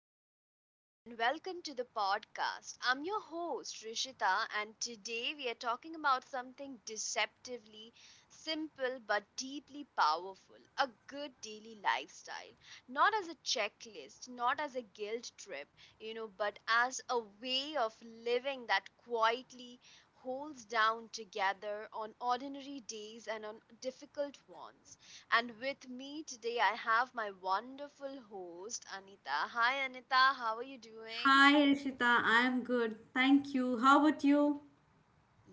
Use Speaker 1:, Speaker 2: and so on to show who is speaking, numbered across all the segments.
Speaker 1: hello everyone, and welcome to the podcast. I'm your host, Rishita, and today we are talking about something deceptively simple but deeply powerful a good daily lifestyle. Not as a checklist, not as a guilt trip, but as a way of living that quietly holds down together on ordinary days and on difficult ones. And with me today, I have my wonderful host, Anita. Hi, Anita. How are you doing?
Speaker 2: Hi, Elshita. I'm good. Thank you. How about you?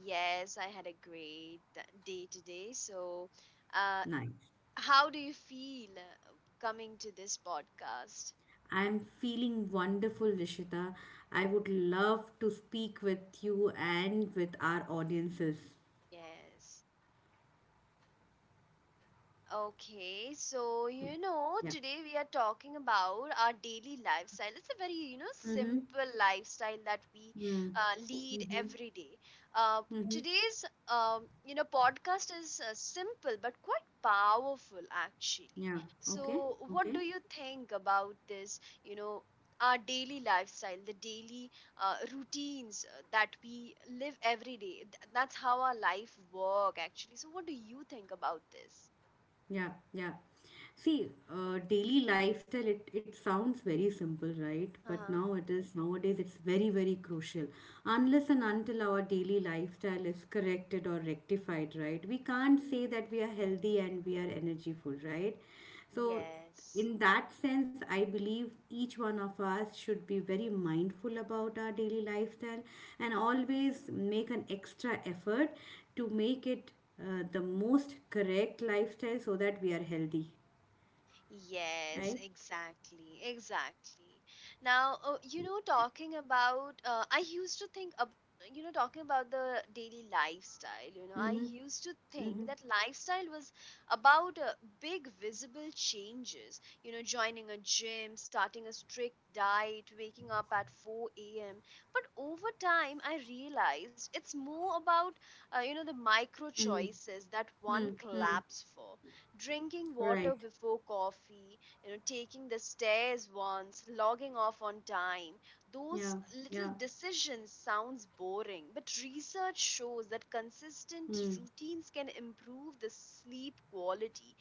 Speaker 1: Yes, I had a great day today. So, uh,
Speaker 2: Nice.
Speaker 1: how do you feel coming to this podcast?
Speaker 2: I'm feeling wonderful, Rishita. I would love to speak with you and with our audiences.
Speaker 1: Yes. Okay, so
Speaker 2: Yeah. Yeah.
Speaker 1: today we are talking about our daily lifestyle. It's a very,
Speaker 2: Mm-hmm.
Speaker 1: simple lifestyle that we
Speaker 2: Mm-hmm.
Speaker 1: lead
Speaker 2: Mm-hmm.
Speaker 1: every day. Uh,
Speaker 2: Mm-hmm.
Speaker 1: today's podcast is simple but quite powerful actually.
Speaker 2: Yeah. Okay.
Speaker 1: So, what
Speaker 2: Okay.
Speaker 1: do you think about this, our daily lifestyle, the daily routines that we live every day? That's how our life work actually. So, what do you think about this?
Speaker 2: Yeah, yeah. See, daily lifestyle, it sounds very simple, right? But
Speaker 1: Uh-huh.
Speaker 2: now it is, nowadays, it's very, very crucial. Unless and until our daily lifestyle is corrected or rectified, right? We can't say
Speaker 1: hmm
Speaker 2: that we are healthy and we are energyful, right? So
Speaker 1: Yes.
Speaker 2: in that sense, I believe each one of us should be very mindful about our daily lifestyle and always make an extra effort to make it the most correct lifestyle so that we are healthy.
Speaker 1: Yes,
Speaker 2: Right?
Speaker 1: exactly, exactly. Now, talking about, I used to think, ab talking about the daily lifestyle, I used to think that lifestyle was about big visible changes, joining a gym, starting a strict diet, waking up at 4 a.m. But over time, I realized it's more about, the micro
Speaker 2: Mm,
Speaker 1: choices that one
Speaker 2: mm, mm.
Speaker 1: claps for drinking water
Speaker 2: Right.
Speaker 1: before coffee, taking the stairs once, logging off on time.
Speaker 2: Yeah.
Speaker 1: Those
Speaker 2: Yeah.
Speaker 1: little decisions sounds boring, but research shows that consistent
Speaker 2: Mm,
Speaker 1: routines can improve the sleep quality,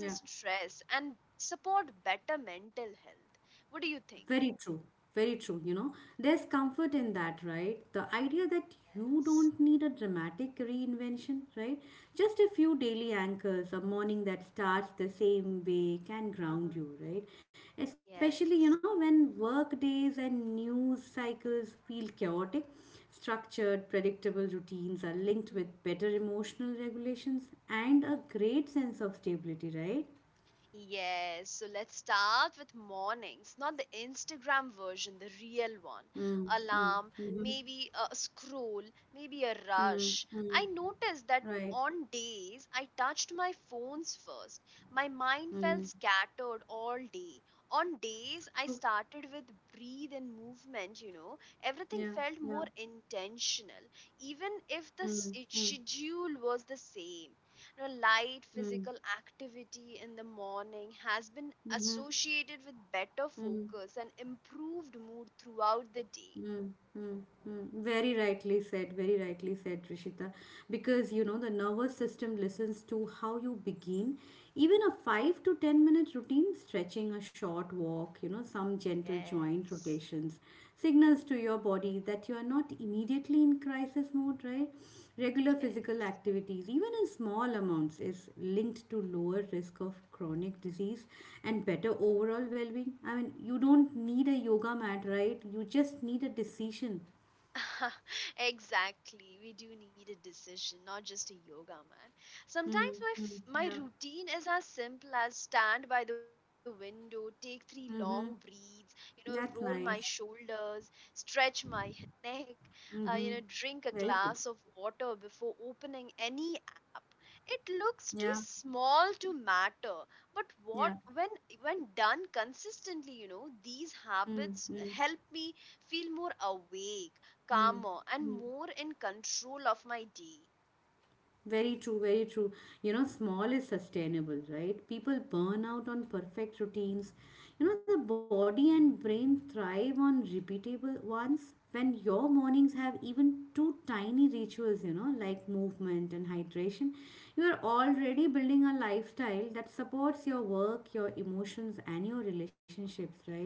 Speaker 2: yeah.
Speaker 1: stress and support better mental health. What do you think?
Speaker 2: Very true. Very true. You know, there's comfort in that, right? The idea that you
Speaker 1: Yes.
Speaker 2: don't need a dramatic reinvention, right? Just a few daily anchors, a morning that starts the same way can ground
Speaker 1: Uh-huh.
Speaker 2: you, right? Especially, you know,
Speaker 1: Yes.
Speaker 2: when work days and news cycles feel chaotic, structured, predictable routines are linked
Speaker 1: Mhm.
Speaker 2: with better emotional regulations and a great sense of stability, right?
Speaker 1: Yes, so let's start with mornings, not the Instagram version, the real one.
Speaker 2: Mm, mm,
Speaker 1: Alarm,
Speaker 2: mm-hmm,
Speaker 1: maybe a scroll, maybe a
Speaker 2: mm,
Speaker 1: rush.
Speaker 2: mm,
Speaker 1: I noticed that
Speaker 2: right.
Speaker 1: on days I touched my phones first, my mind felt
Speaker 2: Mm.
Speaker 1: scattered all day. On days I started with breathe and movement, everything
Speaker 2: Yeah,
Speaker 1: felt
Speaker 2: yeah.
Speaker 1: more intentional, even if the s-
Speaker 2: Mm,
Speaker 1: it
Speaker 2: mm,
Speaker 1: schedule was the same. Light
Speaker 2: mm,
Speaker 1: physical activity in the morning has been
Speaker 2: mhm,
Speaker 1: associated with better
Speaker 2: mm,
Speaker 1: focus and improved mood throughout the day.
Speaker 2: mm, mm, mm. Very rightly said, Rishita. Because you know, the nervous system listens to how you begin. Even a 5 to 10 minute routine, stretching, a short walk, you know, some gentle joint
Speaker 1: Yes,
Speaker 2: rotations, signals to your body that you are not immediately in crisis mode, right? Regular
Speaker 1: yes.
Speaker 2: physical activities, even in small amounts, is linked to lower risk of chronic disease and better overall well being. I mean, you don't need a yoga mat, right? You just need a decision.
Speaker 1: Exactly. We do need a decision, not just a yoga man. Sometimes
Speaker 2: Mm-hmm.
Speaker 1: my
Speaker 2: Yeah.
Speaker 1: routine is as simple as stand by the window, take three long
Speaker 2: Mm-hmm.
Speaker 1: breaths, roll my
Speaker 2: That's nice.
Speaker 1: shoulders, stretch my neck,
Speaker 2: Mm-hmm.
Speaker 1: drink a
Speaker 2: Very
Speaker 1: glass of
Speaker 2: good.
Speaker 1: water before opening any app. It looks too
Speaker 2: Yeah.
Speaker 1: small to matter, but what
Speaker 2: Yeah.
Speaker 1: when done consistently, these habits
Speaker 2: Mm-hmm.
Speaker 1: help me feel more awake, calmer and
Speaker 2: Mm-hmm.
Speaker 1: more in control of my day.
Speaker 2: Very true, very true. You know, small is sustainable, right? People burn out on perfect routines. You know, the body and brain thrive on repeatable ones. When your mornings have even two tiny rituals, you know, like movement and hydration, you are already building a lifestyle that supports your work, your emotions, and your relationships, right?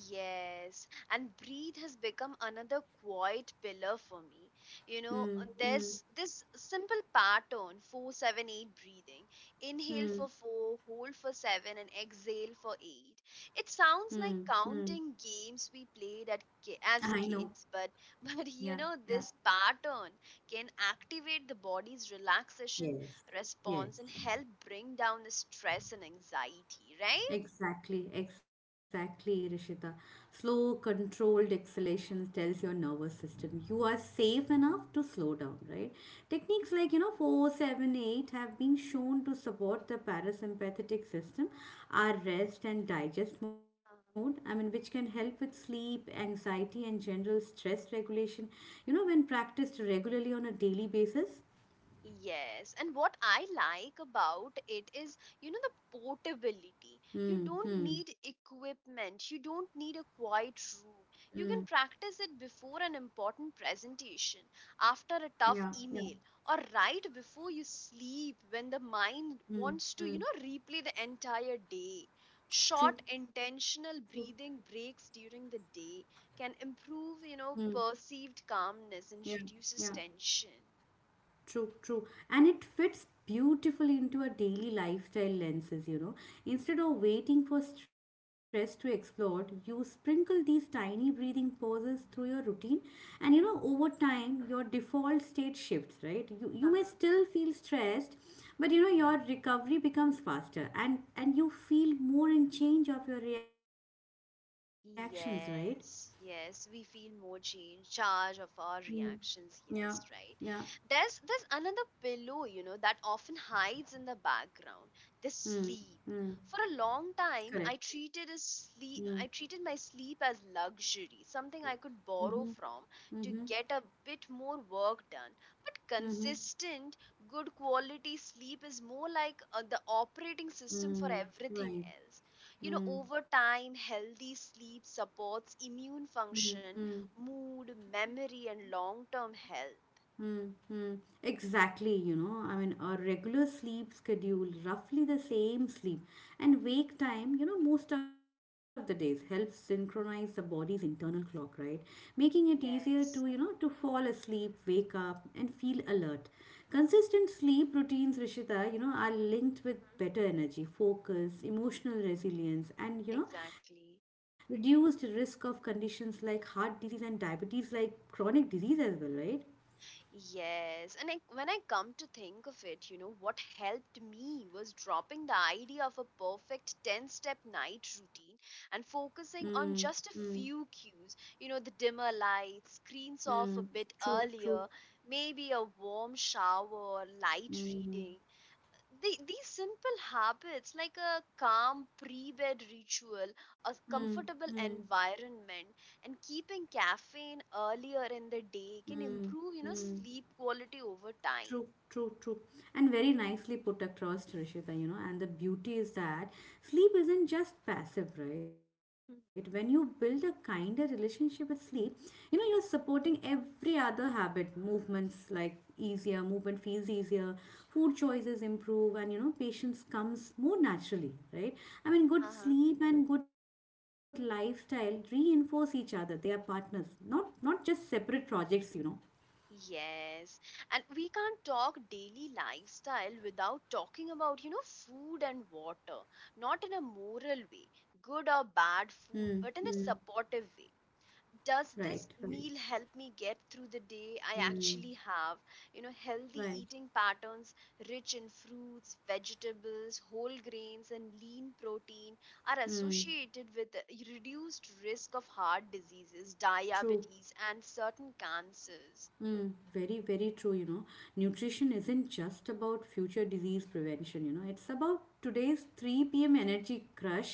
Speaker 1: Yes, and breathe has become another quiet pillar for me.
Speaker 2: Mm, mm,
Speaker 1: There's this simple pattern four, seven, eight breathing. Inhale
Speaker 2: mm,
Speaker 1: for four, hold for seven, and exhale for eight. It
Speaker 2: mm,
Speaker 1: sounds like
Speaker 2: mm.
Speaker 1: counting games we played
Speaker 2: I
Speaker 1: as
Speaker 2: know.
Speaker 1: kids, but but
Speaker 2: Yeah, yeah.
Speaker 1: this pattern can activate the body's relaxation
Speaker 2: Yes, yes.
Speaker 1: response and help bring down the stress and anxiety, right?
Speaker 2: Exactly, exactly, Rishita. Slow, controlled exhalation tells your nervous system you are safe enough to slow down, right? Techniques like, you know, 478 have been shown to support the parasympathetic system, our rest and digest mode, I mean, which can help with sleep, anxiety, and general stress regulation, you know, when practiced regularly on a daily basis.
Speaker 1: Yes, and what I like about it is, the portability. You
Speaker 2: Mm,
Speaker 1: don't
Speaker 2: mm,
Speaker 1: need equipment, you don't need a quiet room. You can practice it before an important presentation,
Speaker 2: yeah,
Speaker 1: after a
Speaker 2: yeah.
Speaker 1: tough email, or right before you sleep when the mind
Speaker 2: Mm,
Speaker 1: wants to,
Speaker 2: mm,
Speaker 1: replay the entire day.
Speaker 2: true,
Speaker 1: Short
Speaker 2: true.
Speaker 1: intentional breathing breaks during the day can improve,
Speaker 2: Mm,
Speaker 1: perceived calmness
Speaker 2: yeah,
Speaker 1: and
Speaker 2: yeah.
Speaker 1: reduces tension.
Speaker 2: True, true. And it fits beautifully into our daily lifestyle lenses, you know. Instead of waiting for stress to explode, you sprinkle these tiny breathing pauses through your routine. And you know, over time, your default state shifts, right? You may still feel stressed, but you know, your recovery becomes faster and you feel more in change of your reactions, right?
Speaker 1: Yes, yes, we feel more change, charge of our
Speaker 2: Mm.
Speaker 1: reactions.
Speaker 2: Yeah,
Speaker 1: Yes, right.
Speaker 2: yeah.
Speaker 1: There's another pillow, that often hides in the background. The
Speaker 2: Mm.
Speaker 1: sleep. For a long time,
Speaker 2: Correct.
Speaker 1: I treated
Speaker 2: Mm.
Speaker 1: as sleep. I treated my sleep as luxury, something I could borrow from to get a bit more work done. But
Speaker 2: Mm-hmm.
Speaker 1: consistent, good quality sleep is more like the operating system for
Speaker 2: Mm.
Speaker 1: everything
Speaker 2: Right.
Speaker 1: else.
Speaker 2: Mm.
Speaker 1: Over time healthy sleep supports immune
Speaker 2: 嗯
Speaker 1: function,
Speaker 2: 嗯。
Speaker 1: mood, memory and long term health.
Speaker 2: Mm-hmm. Exactly, you know, I mean, a regular sleep schedule, roughly the same sleep and wake time, you know, most of the days helps synchronize the body's internal clock, right? Making it easier to, you
Speaker 1: Yes.
Speaker 2: know, to fall asleep, wake up, and feel alert. Consistent sleep routines, Rishita, you know, are linked with
Speaker 1: hmm
Speaker 2: better energy, focus, emotional resilience, and, you know,
Speaker 1: exactly.
Speaker 2: reduced risk of conditions like heart disease and diabetes, like chronic disease as well, right?
Speaker 1: Yes, and I, when I come to think of it, what helped me was dropping the idea of a perfect 10 step night routine and
Speaker 2: 嗯
Speaker 1: focusing on
Speaker 2: 嗯
Speaker 1: just a few cues. The dimmer lights, screens
Speaker 2: 嗯，
Speaker 1: off a bit
Speaker 2: 住住，
Speaker 1: earlier, maybe a warm shower, light
Speaker 2: 嗯
Speaker 1: reading. These simple habits like a calm pre-bed
Speaker 2: 嗯
Speaker 1: ritual,
Speaker 2: 嗯
Speaker 1: a
Speaker 2: 嗯。
Speaker 1: comfortable environment and keeping caffeine earlier in the day can improve, sleep quality over time.
Speaker 2: True, true, true. And very nicely put across, Trishita, you know. And the beauty is that sleep isn't just passive, right? When you
Speaker 1: Hmm.
Speaker 2: build a kinder relationship with sleep, you know, you're supporting every other habit, movements like easier, movement feels easier, food choices improve, and you know, patience comes more naturally, right? I mean, good
Speaker 1: Uh-huh.
Speaker 2: sleep and good lifestyle reinforce each other. They are partners, not just separate projects, you know.
Speaker 1: Yes, and we can't talk daily lifestyle without talking about food and water, not in a moral way, good or
Speaker 2: Hmm.
Speaker 1: bad food, but in a supportive way. Does
Speaker 2: Right,
Speaker 1: this
Speaker 2: right.
Speaker 1: meal help me get through the day I
Speaker 2: Hmm.
Speaker 1: actually have? Healthy
Speaker 2: Right.
Speaker 1: eating patterns rich in fruits, vegetables, whole grains and lean protein are
Speaker 2: Mm,
Speaker 1: associated with a reduced risk of heart diseases,
Speaker 2: true.
Speaker 1: diabetes and certain cancers.
Speaker 2: Mm, very, very true. You know, nutrition isn't just about future disease prevention. You know, it's about today's 3 p.m. energy crush,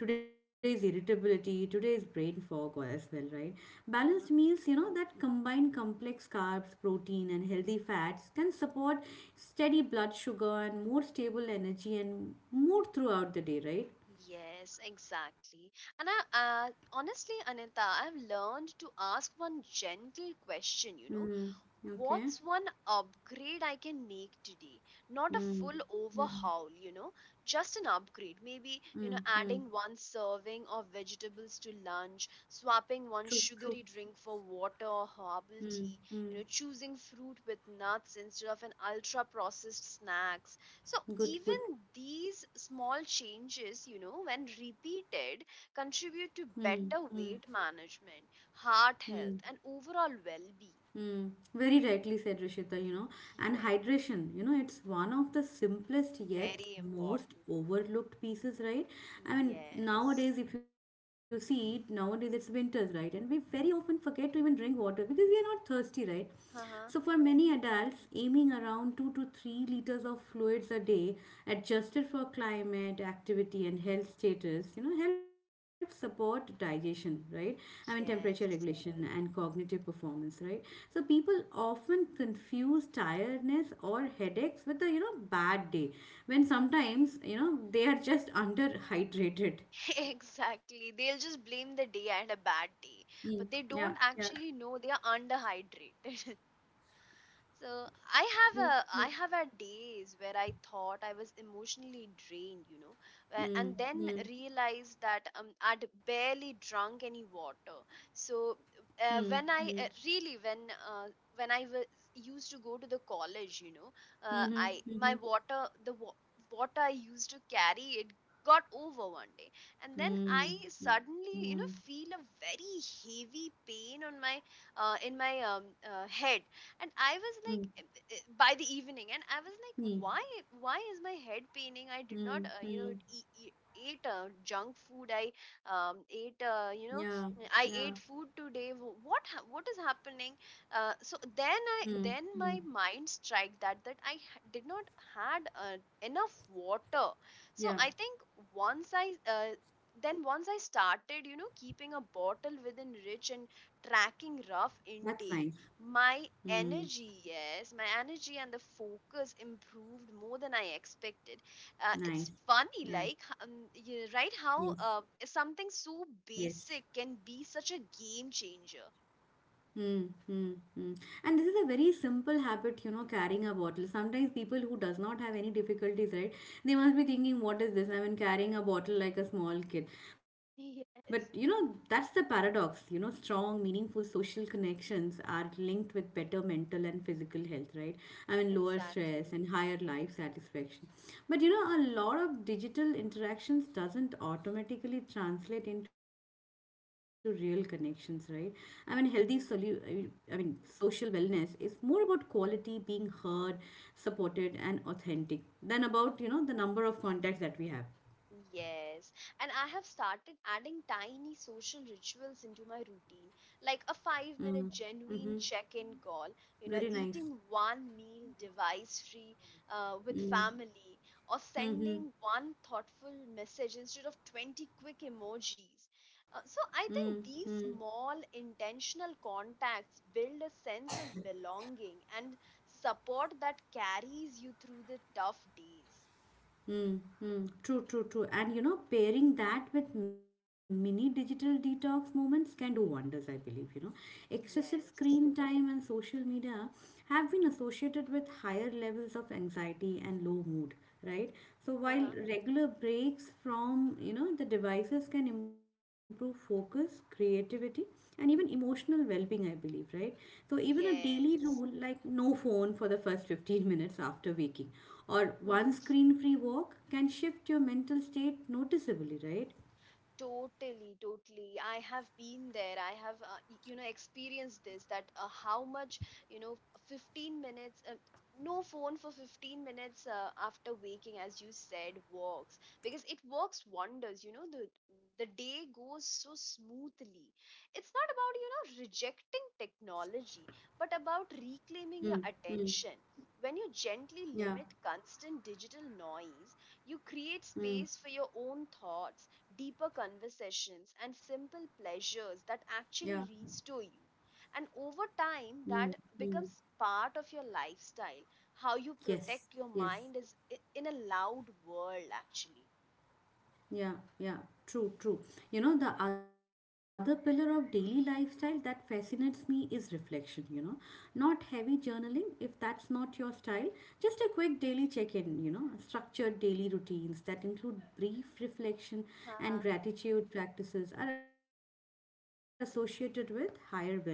Speaker 2: today's irritability, today's brain fog or- as well, right? Balanced
Speaker 1: uh,
Speaker 2: meals, you know, that combine complex carbs, protein, and healthy fats can support steady blood sugar and more stable energy and mood throughout the day, right?
Speaker 1: Yes, exactly. And I, honestly, Anita, I've learned to ask one gentle question,
Speaker 2: Mm, okay.
Speaker 1: what's one upgrade I can make today? Not a
Speaker 2: Mm,
Speaker 1: full
Speaker 2: mm,
Speaker 1: overhaul, just an upgrade. Maybe,
Speaker 2: mm, mm.
Speaker 1: adding one serving of vegetables to lunch, swapping
Speaker 2: True,
Speaker 1: one
Speaker 2: true.
Speaker 1: sugary drink for water or herbal
Speaker 2: Hmm.
Speaker 1: tea,
Speaker 2: Hmm.
Speaker 1: choosing fruit with nuts instead of an ultra processed snacks. So
Speaker 2: Good, good.
Speaker 1: even these small changes, when repeated,
Speaker 2: Hmm.
Speaker 1: contribute to better weight management, heart
Speaker 2: Hmm.
Speaker 1: health, and overall well being.
Speaker 2: Hmm. Very rightly said, Rishita, you know. And hydration, you know, it's one of the simplest yet
Speaker 1: Very
Speaker 2: most
Speaker 1: important.
Speaker 2: overlooked pieces, right? I mean,
Speaker 1: Yes.
Speaker 2: nowadays, if you see, nowadays it's winters, right? And we very often forget to even drink water because we are not thirsty, right? So,
Speaker 1: Uh-huh.
Speaker 2: for many adults, aiming around 2 to 3 liters of fluids a day, adjusted for climate, activity, and health status, you know, helps support digestion, right? I mean, temperature
Speaker 1: Yes.
Speaker 2: regulation and cognitive performance, right? So, people often confuse tiredness or headaches with a, you know, bad day when sometimes, you know, they are just underhydrated.
Speaker 1: Exactly. They'll just blame the day and a bad
Speaker 2: Mm.
Speaker 1: day, but
Speaker 2: Yeah,
Speaker 1: they don't
Speaker 2: yeah.
Speaker 1: actually know they are underhydrated. So I have a I have had days where I thought I was emotionally drained,
Speaker 2: Mm,
Speaker 1: and then
Speaker 2: mm,
Speaker 1: realized that I'd barely drunk any water. So
Speaker 2: mm, mm,
Speaker 1: when I really uh, when I was used to go to the college,
Speaker 2: mm-hmm,
Speaker 1: I
Speaker 2: mm-hmm.
Speaker 1: my water water I used to carry it got over one day and then
Speaker 2: Mm,
Speaker 1: I
Speaker 2: mm,
Speaker 1: suddenly feel a very heavy pain on my in my head and I was
Speaker 2: mm,
Speaker 1: like by the evening and I was like
Speaker 2: mm,
Speaker 1: why why is my head paining. I did not
Speaker 2: mm, mm.
Speaker 1: e- e- ate junk food. I
Speaker 2: Yeah,
Speaker 1: ate,
Speaker 2: yeah,
Speaker 1: I ate food today. What is happening? So then I
Speaker 2: mm,
Speaker 1: then
Speaker 2: mm.
Speaker 1: my mind strike that that I did not had enough water. So
Speaker 2: Yeah,
Speaker 1: I think once I uh, then once I started keeping a bottle within reach and tracking rough
Speaker 2: that's nice.
Speaker 1: intake my
Speaker 2: Mm,
Speaker 1: energy, yes, my energy and the focus improved more than I expected.
Speaker 2: nice.
Speaker 1: It's funny,
Speaker 2: Yeah,
Speaker 1: like, you right, how
Speaker 2: yes, yes.
Speaker 1: something so basic can be such a game changer.
Speaker 2: Hmm, hmm, hmm. And this is a very simple habit, you know, carrying a bottle. Sometimes people who does not have any difficulties, right? They must be thinking, what is this? I mean, carrying a bottle like a small kid. But you know, that's
Speaker 1: Yes,
Speaker 2: the paradox. You know, strong, meaningful social connections are linked with better mental and physical health, right? I mean, lower stress
Speaker 1: exactly.
Speaker 2: and higher life satisfaction. But you know, a lot of digital interactions doesn't automatically translate into real connections, right? I mean, healthy solu- I
Speaker 1: Mhm.
Speaker 2: mean, social wellness is more about quality, being heard, supported, and authentic than about, you know, the number of contacts that we have.
Speaker 1: Yes, and I have started adding tiny social rituals into my routine, like a five
Speaker 2: Mm.
Speaker 1: minute
Speaker 2: Mm-hmm.
Speaker 1: genuine check in call,
Speaker 2: Very nice.
Speaker 1: eating one meal device free with family, or
Speaker 2: Mm-hmm.
Speaker 1: sending one thoughtful message instead of 20 quick emojis. So I
Speaker 2: Mm-hmm.
Speaker 1: think these small intentional contacts build a sense of belonging and support that carries you through the tough days.
Speaker 2: Mm, mm, true, true, true. And you know, pairing that with mini digital detox moments can do wonders, I believe. You know, excessive screen
Speaker 1: Yes.
Speaker 2: time and social media have been associated with higher levels of anxiety and low mood, right? So,
Speaker 1: Uh-huh.
Speaker 2: while regular breaks from, you know, the devices can improve focus, creativity, and even emotional well-being, I believe, right? So even a daily rule
Speaker 1: Yes.
Speaker 2: like no phone for the first 15 minutes after waking or one screen-free walk can shift your mental state noticeably, right?
Speaker 1: Totally, totally. I have been there. I have, experienced this that how much, you know, 15 minutes, no phone for 15 minutes after waking, as you said, works because it works wonders. The the day goes so smoothly. It's not about, rejecting technology, but
Speaker 2: Mm,
Speaker 1: about
Speaker 2: mm,
Speaker 1: reclaiming your attention. When you gently
Speaker 2: yeah,
Speaker 1: limit constant digital noise, you create
Speaker 2: mm,
Speaker 1: space for your own thoughts, deeper conversations, and simple pleasures
Speaker 2: yeah,
Speaker 1: that actually restore you. And over
Speaker 2: mm,
Speaker 1: time, that
Speaker 2: mm.
Speaker 1: becomes part of your lifestyle. How you
Speaker 2: Yes,
Speaker 1: protect your
Speaker 2: yes.
Speaker 1: mind is in a loud world, actually.
Speaker 2: Yeah, yeah, true, true. You know, the other pillar of daily lifestyle that fascinates me is reflection, you know. Not heavy journaling, if that's not your style, just a quick daily check in, you know, structured daily routines that include brief reflection and gratitude practices are associated with higher well being and lower stress, right?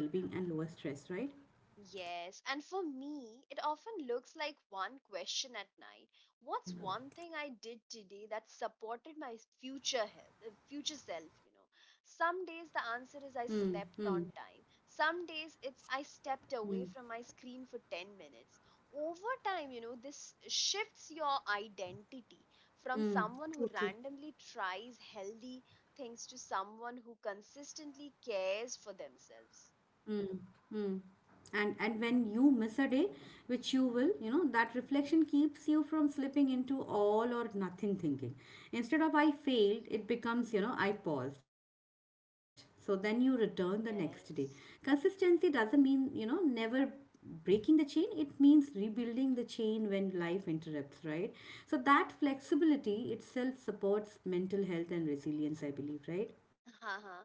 Speaker 1: Yes, and for me, it often looks like one question at night. What's one thing I did today that supported my future self, Some
Speaker 2: Hmm,
Speaker 1: days the
Speaker 2: hmm.
Speaker 1: answer is I slept on time. Some days it's I stepped away from my screen for 10 minutes. Over time, this shifts your identity from someone who randomly tries healthy things to someone who consistently cares for themselves.
Speaker 2: Hmm. And when you miss a day, which you will, you know, that reflection keeps you from slipping into all or nothing thinking. Instead of I failed, it becomes, you know, I paused. So then you return the next day. Consistency
Speaker 1: Yes.
Speaker 2: doesn't mean, you know, never breaking the chain. It means rebuilding the chain when life interrupts, right? So that flexibility itself supports mental health and resilience, I believe, right?
Speaker 1: Uh-huh.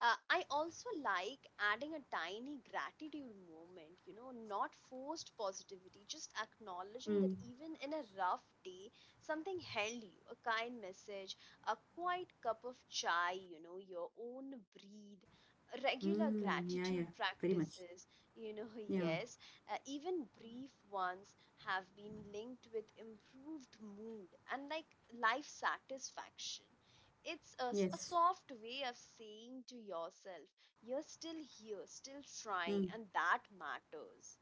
Speaker 1: I also like adding a tiny gratitude moment, not forced positivity, just acknowledging
Speaker 2: Mm.
Speaker 1: that even in a rough day, something held you, a kind message, a quiet cup of chai, your own
Speaker 2: Mm,
Speaker 1: breathe,
Speaker 2: yeah, yeah. Very
Speaker 1: regular
Speaker 2: much.
Speaker 1: gratitude practices, you know,
Speaker 2: Yeah.
Speaker 1: yes, even brief ones have been linked with improved mood and like life satisfaction. It's a, a
Speaker 2: Yes,
Speaker 1: soft way of saying to yourself, you're still here, still trying, and that matters.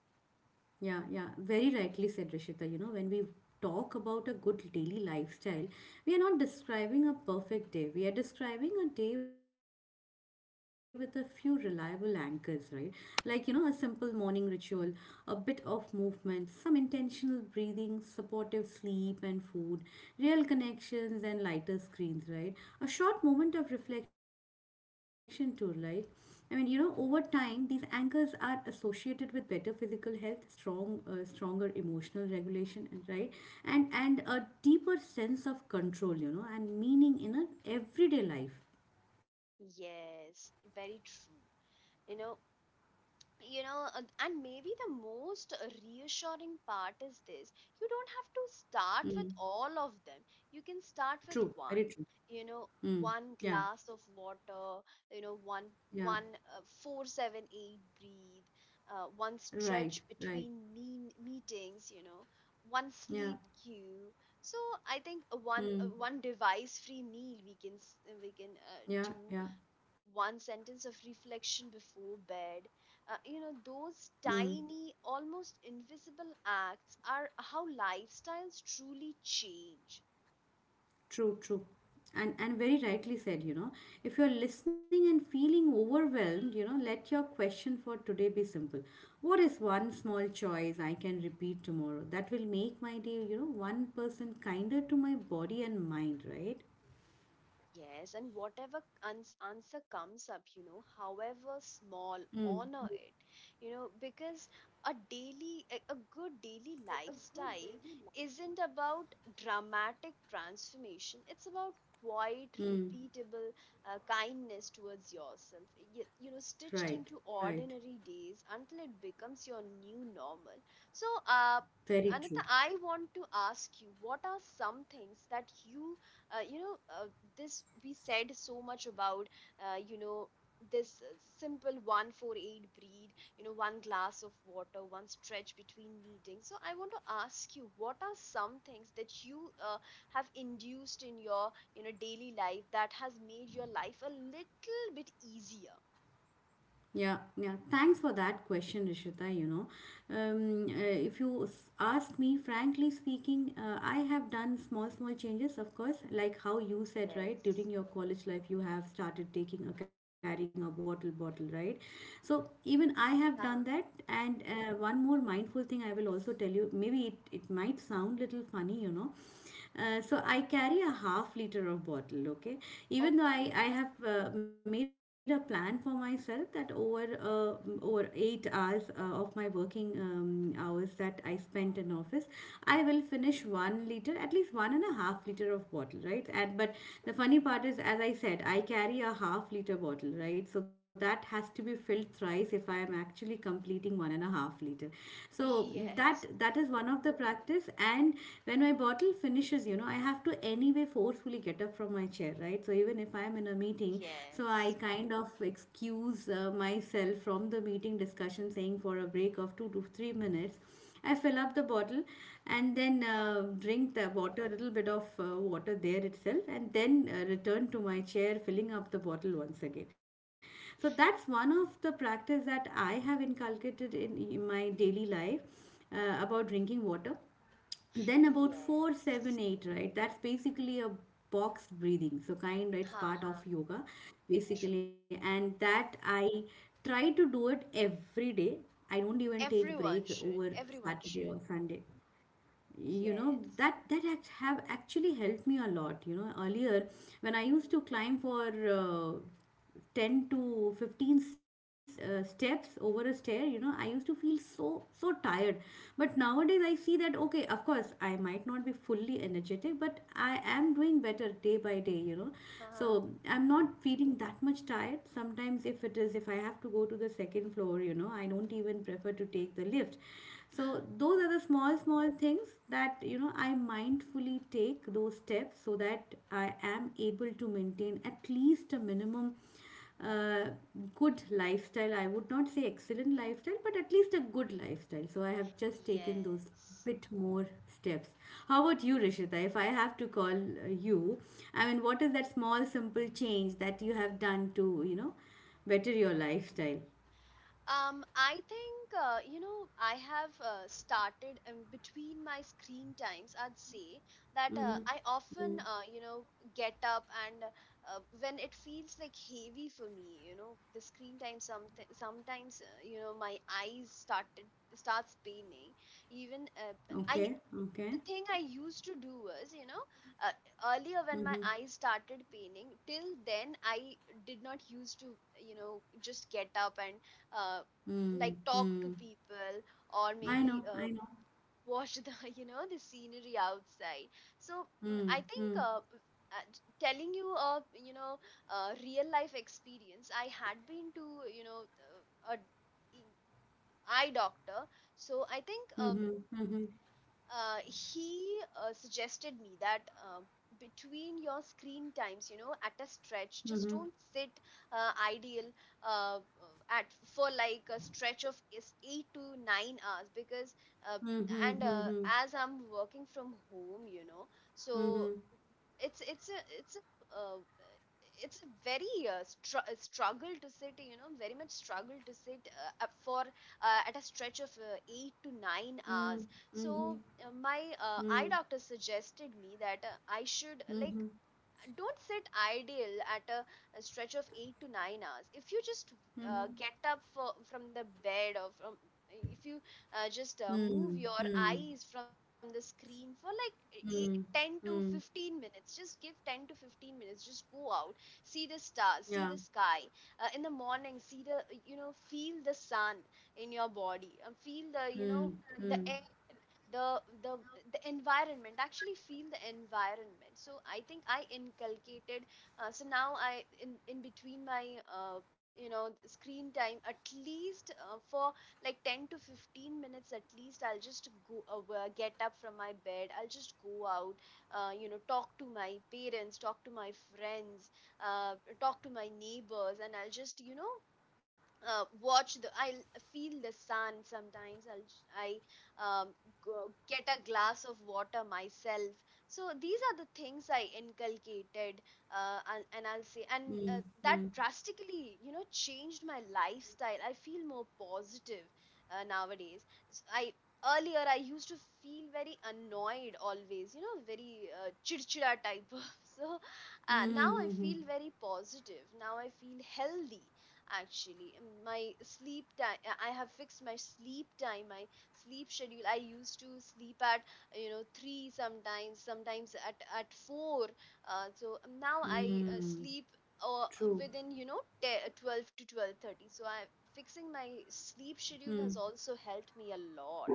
Speaker 2: yeah, yeah. Very rightly said, Rishita. You know, when we talk about a good daily lifestyle, we are not describing a perfect day. We are describing a day with a few reliable anchors, right? Like, you know, a simple morning ritual, a bit of movement, some intentional breathing, supportive sleep and food, real connections and lighter screens, right? A short moment of reflection too, like I mean, you know, over time, these anchors are associated with better physical health, strong, stronger emotional regulation, and right, and a deeper sense of control, you know, and meaning in an everyday life.
Speaker 1: Yes, very true. You know, and maybe the most reassuring part is this: you don't have to start with all of them, you can start with
Speaker 2: True, very
Speaker 1: one.
Speaker 2: true.
Speaker 1: You know,
Speaker 2: Mm.
Speaker 1: one
Speaker 2: Yeah,
Speaker 1: glass of water, you know, one
Speaker 2: yeah,
Speaker 1: one 4-7-8 breathe, one
Speaker 2: right,
Speaker 1: stretch
Speaker 2: right.
Speaker 1: between mean meetings, you know, one
Speaker 2: Yeah,
Speaker 1: sleep cue. So I think,
Speaker 2: mm.
Speaker 1: one device free meal we can do,
Speaker 2: Yeah, yeah.
Speaker 1: one sentence of reflection before bed. You know, those
Speaker 2: Mm.
Speaker 1: tiny, almost invisible acts are how lifestyles truly change.
Speaker 2: True, true. And very rightly said, you know, if you're listening and feeling overwhelmed, you know, let your question for today be simple. What is one small choice I can repeat tomorrow that will make my day, you know, 1% kinder to my body and mind, right?
Speaker 1: Yes, and whatever answer comes up, you know, however small,
Speaker 2: Mm,
Speaker 1: honor it, you know, because a good daily lifestyle isn't about dramatic transformation. It's about quiet,
Speaker 2: mm,
Speaker 1: repeatable kindness towards yourself, you know, stitched
Speaker 2: right,
Speaker 1: into
Speaker 2: right.
Speaker 1: ordinary days until it becomes your new normal. So,
Speaker 2: Very
Speaker 1: Anita,
Speaker 2: true.
Speaker 1: I want to ask you, what are some things that you you know this we said so much about, you know, this simple 148 breathe, you know, one glass of water, one stretch between meetings. So I want to ask you, what are some things that you, have induced in your, you know, daily life that has made your life a little bit easier?
Speaker 2: Yeah, yeah. Thanks for that question, Rishita. You know, um, uh, if you s- ask me, frankly speaking, I have done small, small changes, of course, like how you said, right? During
Speaker 1: Yes.
Speaker 2: your college life, you have started taking or carrying a bottle, bottle, right? So even I have done that.
Speaker 1: uh,
Speaker 2: And one more mindful thing I will also tell you. Maybe it might sound little funny, you know. So I carry a half liter of bottle, okay? Even though I,
Speaker 1: okay.
Speaker 2: I have made a plan for myself that over uh,
Speaker 1: Uh-huh.
Speaker 2: mm, over 8 hours of my working hours that I spent in office, I will finish 1 liter, at least 1.5 liter of bottle, right? And but the funny part is, as I said, I carry a half liter bottle, right? So that has to be filled thrice if I am actually completing 1.5 liter. So that
Speaker 1: Yes,
Speaker 2: that is one of the practice. And when my bottle finishes, you know, I have to anyway forcefully get up from my chair, right? So even if I am in a meeting,
Speaker 1: yes,
Speaker 2: so I kind of excuse myself from the meeting discussion saying for a break of 2 to 3 minutes. I fill up the bottle and then
Speaker 1: uh,
Speaker 2: drink the water, a little bit of water there itself, and then return to my chair, filling up the bottle once again. So that's one of the practice that I have inculcated in my daily life, about drinking water. Then about four,
Speaker 1: yes.
Speaker 2: seven, eight, right? That's basically a boxed breathing, so kind, right? It's
Speaker 1: Uh-huh.
Speaker 2: part of yoga
Speaker 1: True.
Speaker 2: basically. And that I try to do it every day. I don't even take
Speaker 1: Everyone
Speaker 2: break
Speaker 1: should.
Speaker 2: over
Speaker 1: Everyone should.
Speaker 2: Saturday or Sunday. You know,
Speaker 1: Yes.
Speaker 2: that act have actually helped me a lot. You know, earlier when I used
Speaker 1: Mhm.
Speaker 2: to climb for uh, 10 to 15 steps over a stair, you know, I used to feel so so tired. But nowadays I see that, okay, of course I might not be fully energetic, but I am doing better day by day, you know. So
Speaker 1: Uh-huh.
Speaker 2: I'm not feeling that much tired. Sometimes if it is if I have to go to the second floor, you know, I don't even prefer to take the lift. So those are the small small things that, you know, I mindfully take those steps so that I am able to maintain at least a minimum uh, good lifestyle. I would not say excellent lifestyle, but at least a good lifestyle. So I have just taken those
Speaker 1: Yes.
Speaker 2: bit more steps. How about you, Rishita, if I have to call you, I mean, what is that small simple change that you have done to, you know, better your lifestyle?
Speaker 1: I think, you know, I have started in between my screen times. I'd say that I often, you know, get up and when it feels like heavy for me, you know, the screen time something sometimes, you know, my eyes started starts paining. Even, I
Speaker 2: Okay, okay.
Speaker 1: the thing I used to do was, you know, earlier when my
Speaker 2: Mm-hmm.
Speaker 1: eyes started paining, till then I did not used to, you know, just get up and uh,
Speaker 2: Mm,
Speaker 1: like talk to
Speaker 2: mm.
Speaker 1: people, or
Speaker 2: I
Speaker 1: maybe
Speaker 2: know, I know.
Speaker 1: watch the, you know, the scenery outside. So, I
Speaker 2: Mm,
Speaker 1: think,
Speaker 2: mm,
Speaker 1: telling you a, you know, real life experience, I had been to, you know, a e- eye doctor. So I think,
Speaker 2: mm-hmm,
Speaker 1: he suggested me that between your screen times, you know, at a stretch,
Speaker 2: mm-hmm,
Speaker 1: just
Speaker 2: mm-hmm,
Speaker 1: don't sit ideal, at, for like a stretch of is 8 to 9 hours, because uh, and
Speaker 2: mm-hmm,
Speaker 1: as I'm working from home, you know, so
Speaker 2: mm-hmm,
Speaker 1: it's it's a it's a uh, it's a very struggle to sit, you know, very much struggle to sit up for, at a stretch of 8 to 9
Speaker 2: mm-hmm, mm,
Speaker 1: hours. So
Speaker 2: mm-hmm,
Speaker 1: my
Speaker 2: mm, mm-hmm,
Speaker 1: eye
Speaker 2: mm-hmm,
Speaker 1: doctor suggested me that I should like don't sit idle at a stretch of 8 to 9 hours. If you just get up for, from the bed, or from, if you just move your
Speaker 2: mm,
Speaker 1: eyes from the screen for like eight,
Speaker 2: mm,
Speaker 1: 10
Speaker 2: mm,
Speaker 1: to
Speaker 2: mm,
Speaker 1: 15 minutes. Just give 10 to 15 minutes, just go out, see the stars, see the
Speaker 2: yeah,
Speaker 1: sky, in the morning, see the, you know, feel the sun in your body, feel the, you know,
Speaker 2: mm,
Speaker 1: the
Speaker 2: mm,
Speaker 1: the the the environment, actually feel the environment. So I think I inculcated, so now I, in between my, you know, screen time, at least for like 10 to 15 minutes, at least I'll just go get up from my bed, I'll just go out, you know, talk to my parents, talk to my friends, uh, talk to my neighbors, and I'll just, you know, watch the I feel the sun. Sometimes I'll j- I will I go, get a glass of water myself. So these are the things I inculcated, and I'll say, and
Speaker 2: mm, mm,
Speaker 1: that drastically, you know, changed my lifestyle. I feel more positive, nowadays. S- I Earlier I used to feel very annoyed always, you know, very chirchira type. So, now I
Speaker 2: mm-hmm,
Speaker 1: feel very positive, now I feel healthy, actually. My sleep time, I have fixed my sleep time, my sleep schedule. I used to sleep at, you know, 3, sometimes at 4. So, now
Speaker 2: mm,
Speaker 1: I
Speaker 2: mm,
Speaker 1: sleep uh,
Speaker 2: true,
Speaker 1: within, you know, 10, 12 to 12:30. So i fixing my sleep
Speaker 2: mm,
Speaker 1: schedule has also helped me a lot.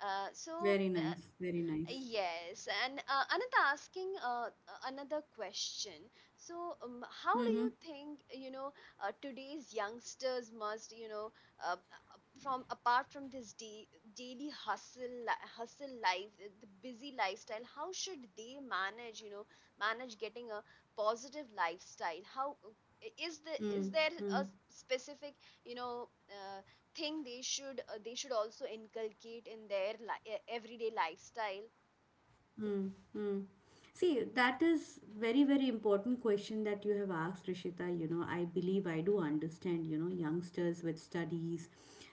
Speaker 1: uh, so uh,
Speaker 2: very nice,
Speaker 1: Yes, and Anita, asking another question. So, how
Speaker 2: mm-hmm,
Speaker 1: do you think, you know, today's youngsters must, you know, uh, uh, from apart from this da daily hustle, hustle life, the busy lifestyle, how should they manage, you know, manage getting a positive lifestyle? How, is the,
Speaker 2: mm,
Speaker 1: is there
Speaker 2: mm.
Speaker 1: a specific, you know, thing they should also inculcate in their everyday lifestyle?
Speaker 2: Hmm. Mm. See, that is very, very important question that you have asked, Rishita. You know, I believe I do understand, you know, youngsters with studies.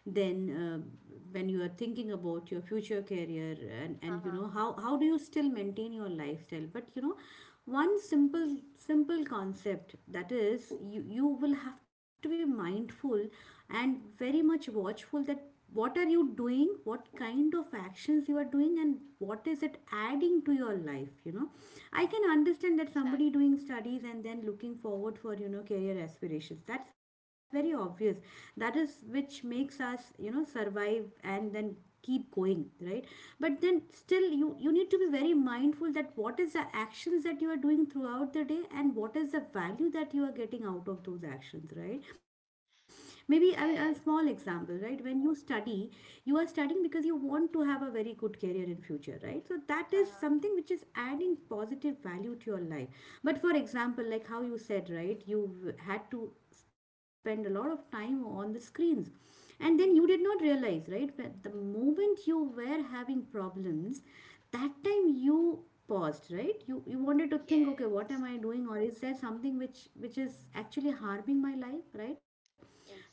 Speaker 2: Then when you are thinking about your future career, and you
Speaker 1: Uh-huh.
Speaker 2: know, how do you still maintain your lifestyle? But, you know, one simple, simple concept that is, you will have to be mindful and very much watchful that what are you doing, what kind of actions you are doing, and what is it adding to your life, you know? I can
Speaker 1: Exactly.
Speaker 2: understand that somebody doing studies and then looking forward for, you know, career aspirations. That's
Speaker 1: Mm-hmm.
Speaker 2: very obvious. That is which makes us, you know, survive and then keep going, right? But then still you need to be very mindful that what is the actions that you are doing throughout the day and what is the value that you are getting out of those actions, right? Maybe, I mean, a
Speaker 1: Yes.
Speaker 2: small example, right? When you study, you are studying because you want to have a very good career in future, right? So that is
Speaker 1: Uh-huh.
Speaker 2: something which is adding positive value to your life. But for example, like how you said, right, you had to spend a lot of time on the screens and then you did
Speaker 1: Mm-hmm.
Speaker 2: not realize, right? But the moment you were having problems, that time you paused, right? You wanted to think, okay, what
Speaker 1: Yes.
Speaker 2: am I doing, or is there something which is actually harming my life, right?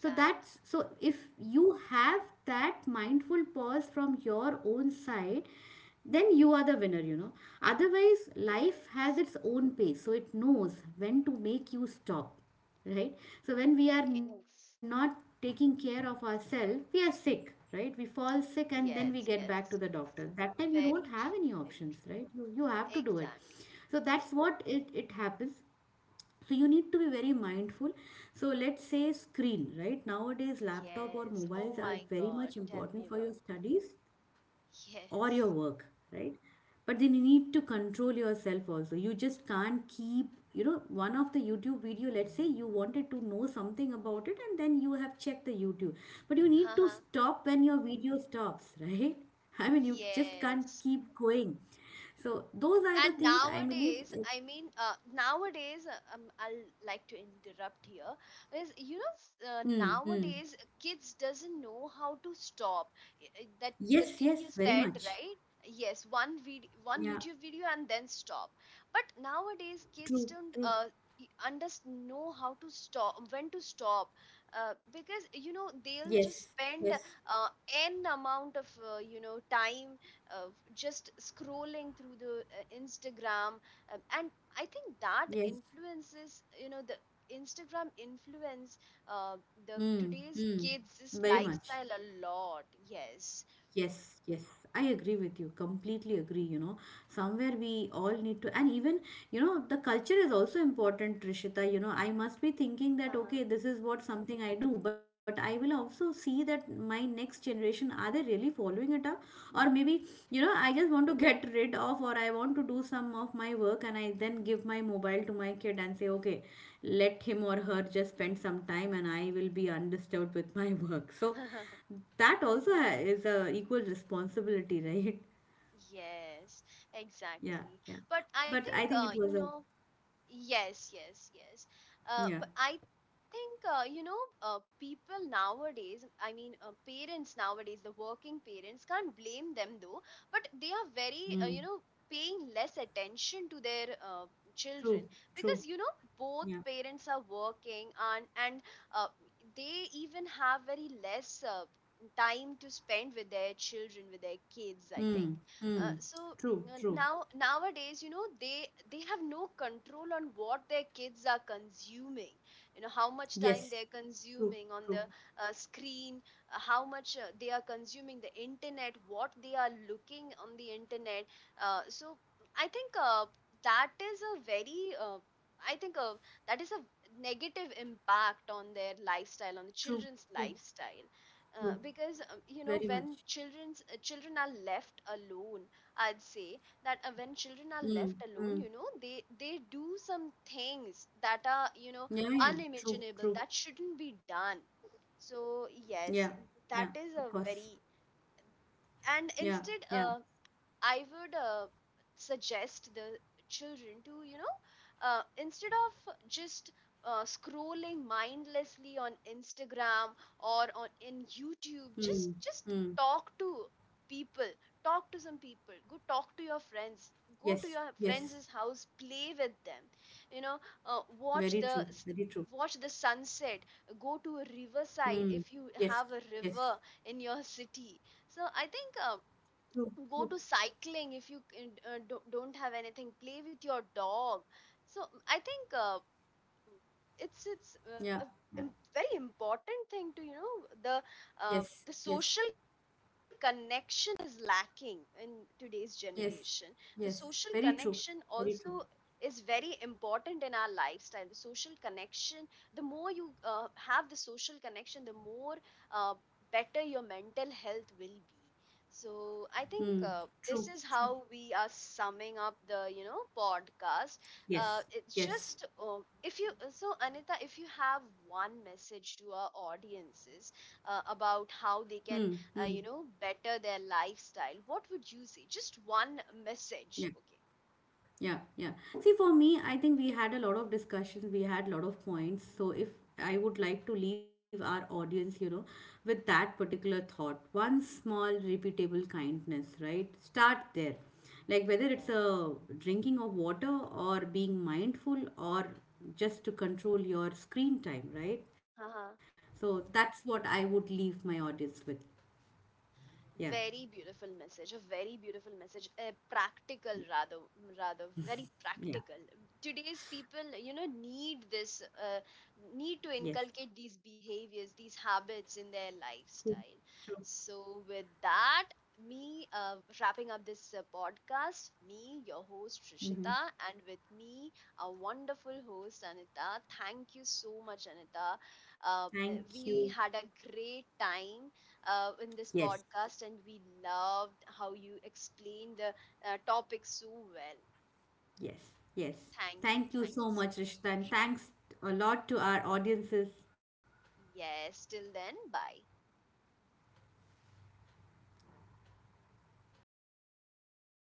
Speaker 2: So that's, so if you have that mindful pause from your own side, then you are the winner, you know. Otherwise, life
Speaker 1: Yes.
Speaker 2: has its own pace, so it knows when to make you stop, right? So when we are
Speaker 1: Yes.
Speaker 2: not taking care of ourselves, we are sick, right? We fall sick and then we
Speaker 1: Yes.
Speaker 2: get back to
Speaker 1: Yes.
Speaker 2: the
Speaker 1: Yes.
Speaker 2: doctor. That time you don't
Speaker 1: Very
Speaker 2: have
Speaker 1: true.
Speaker 2: any
Speaker 1: Very
Speaker 2: options, right?
Speaker 1: true.
Speaker 2: You have to do it.
Speaker 1: Exactly.
Speaker 2: So that's what it happens. So you need to be very mindful. So let's say screen, right? Nowadays laptop or
Speaker 1: Yes.
Speaker 2: mobiles
Speaker 1: Oh
Speaker 2: are
Speaker 1: my
Speaker 2: very
Speaker 1: God.
Speaker 2: much
Speaker 1: Tell me
Speaker 2: important for your
Speaker 1: about.
Speaker 2: studies or your
Speaker 1: Yes.
Speaker 2: work, right? But then you need to control yourself also. You just can't keep, you know, one of the YouTube video, let's say you wanted to know something about it and then you have checked the YouTube. But you need to
Speaker 1: Uh-huh.
Speaker 2: stop when your video stops, right? I mean, you just can't
Speaker 1: Yes.
Speaker 2: keep going. So those are the
Speaker 1: And
Speaker 2: things I believe.
Speaker 1: nowadays, I mean, nowadays, I'll like to interrupt here. Is, you know,
Speaker 2: Hmm, hmm.
Speaker 1: nowadays kids doesn't know how to stop. That the
Speaker 2: Yes,
Speaker 1: thing
Speaker 2: yes,
Speaker 1: you
Speaker 2: very
Speaker 1: said,
Speaker 2: much.
Speaker 1: right? Yes, one video, one
Speaker 2: Yeah,
Speaker 1: YouTube video, and then stop. But nowadays, kids
Speaker 2: true,
Speaker 1: don't
Speaker 2: true.
Speaker 1: understand know how to stop, when to stop, because you know
Speaker 2: Yes,
Speaker 1: they'll just
Speaker 2: yes,
Speaker 1: spend uh, n amount of you know time, just scrolling through the Instagram, and I think that
Speaker 2: yes.
Speaker 1: influences, you know, the Instagram influence uh, the
Speaker 2: Mm,
Speaker 1: today's
Speaker 2: mm.
Speaker 1: kids' this
Speaker 2: Very much.
Speaker 1: lifestyle a lot. Yes.
Speaker 2: Yes, yes, I agree with you. Completely agree. You know, somewhere we all need to, and even, you know, the culture is also important, Trishita. You know, I must be thinking that, okay, this is what something I do, but I will also see that my next generation, are they really following it up? Or maybe,
Speaker 1: Uh-huh.
Speaker 2: you know, I just want to get rid of, or I want to do some of my work, and I then give my mobile to my kid and say, okay, let him or her just spend some time, and I will be undisturbed with my work. So, that also is a equal responsibility, right?
Speaker 1: Yes,
Speaker 2: Yeah,
Speaker 1: exactly.
Speaker 2: yeah,
Speaker 1: But I
Speaker 2: but I
Speaker 1: think,
Speaker 2: think it
Speaker 1: you
Speaker 2: was a
Speaker 1: know. Yes, yes, yes. But
Speaker 2: yeah.
Speaker 1: I think, you know, people nowadays, I mean, parents nowadays, the working parents can't blame them though, but they are very, you
Speaker 2: Mm,
Speaker 1: know, paying less attention to their children
Speaker 2: true,
Speaker 1: because,
Speaker 2: true.
Speaker 1: you know, both
Speaker 2: Yeah.
Speaker 1: parents are working, and uh, they even have very less time to spend with their children, with their kids, I think.
Speaker 2: Mm, mm,
Speaker 1: So
Speaker 2: true, true.
Speaker 1: now nowadays, you know, they have no control on what their kids are consuming, you know, how much time
Speaker 2: Yes,
Speaker 1: they're consuming on the
Speaker 2: true,
Speaker 1: screen, how much they are consuming the internet, what they are looking on the internet. So I think that is a very I think that is a negative impact on their lifestyle, on the children's lifestyle.
Speaker 2: true.
Speaker 1: Because, you
Speaker 2: Very
Speaker 1: know,
Speaker 2: much.
Speaker 1: when children are left alone, I'd say that, when children are
Speaker 2: Mm,
Speaker 1: left alone,
Speaker 2: mm.
Speaker 1: you know, they do some things that are, you know,
Speaker 2: Yeah, yeah,
Speaker 1: unimaginable, that shouldn't be done. So
Speaker 2: yeah,
Speaker 1: yes,
Speaker 2: yeah,
Speaker 1: that
Speaker 2: of
Speaker 1: is a
Speaker 2: course,
Speaker 1: very. And
Speaker 2: yeah,
Speaker 1: instead,
Speaker 2: yeah.
Speaker 1: I would suggest the children to, you know, instead of just scrolling mindlessly on Instagram or on in
Speaker 2: Mm,
Speaker 1: YouTube, just,
Speaker 2: mm.
Speaker 1: talk to people, talk to some people, go talk to your friends, go
Speaker 2: Yes,
Speaker 1: to your
Speaker 2: yes,
Speaker 1: friends' house, play with them, you know, uh,
Speaker 2: very
Speaker 1: watch
Speaker 2: true,
Speaker 1: the s-
Speaker 2: very true.
Speaker 1: watch the sunset, go to a riverside
Speaker 2: Mm.
Speaker 1: if you
Speaker 2: Yes,
Speaker 1: have a
Speaker 2: yes,
Speaker 1: river in your city. So I think, go to cycling. If you don't have anything, play with your dog. So I think, it's
Speaker 2: yeah,
Speaker 1: a
Speaker 2: yeah,
Speaker 1: very important thing to, you know, the
Speaker 2: yes,
Speaker 1: the
Speaker 2: yes.
Speaker 1: social connection is lacking in today's generation.
Speaker 2: Yes,
Speaker 1: The social
Speaker 2: yes,
Speaker 1: connection
Speaker 2: very true,
Speaker 1: also
Speaker 2: very true.
Speaker 1: is very important in our lifestyle. The social connection, the more you have the social connection, the more uh, better your mental health will be. So I
Speaker 2: Hmm.
Speaker 1: think,
Speaker 2: True,
Speaker 1: this is
Speaker 2: true.
Speaker 1: how we are summing up the, you know, podcast.
Speaker 2: Yes,
Speaker 1: It's
Speaker 2: yes.
Speaker 1: just, if you so Anita, if you have one message to our audiences about
Speaker 2: Hmm.
Speaker 1: how they
Speaker 2: Hmm.
Speaker 1: can you know better their lifestyle, what would you say? Just one
Speaker 2: Yeah.
Speaker 1: message, okay?
Speaker 2: Yeah, yeah. See, for me, I think we had a lot of discussions, we had a lot of points. So, if I would like to leave our audience, you know, with that particular thought one small, repeatable kindness, right? Start there. Like, whether
Speaker 1: Yeah.
Speaker 2: it's a drinking of water or being mindful or just to control your screen time, right?
Speaker 1: Uh-huh.
Speaker 2: So, that's what I would leave my audience with. Yeah,
Speaker 1: Very beautiful message, a very beautiful message, practical, rather very practical.
Speaker 2: yeah,
Speaker 1: Today's people, you know, need this, need to inculcate
Speaker 2: yes.
Speaker 1: these behaviors, these habits in their lifestyle.
Speaker 2: True.
Speaker 1: So with that, me wrapping up this podcast, me, your host, Trishita, and with me, our wonderful host, Anita. Thank you so much, Anita. uh,
Speaker 2: Thank
Speaker 1: we
Speaker 2: you.
Speaker 1: had a great time in this
Speaker 2: Yes.
Speaker 1: podcast, and we loved how you explained the topic so well.
Speaker 2: Yes, yes.
Speaker 1: Thank you.
Speaker 2: Thank you
Speaker 1: Thank you
Speaker 2: so
Speaker 1: so
Speaker 2: much, Rishita, and
Speaker 1: much.
Speaker 2: thanks a lot to our audiences
Speaker 1: Yes, till then, bye.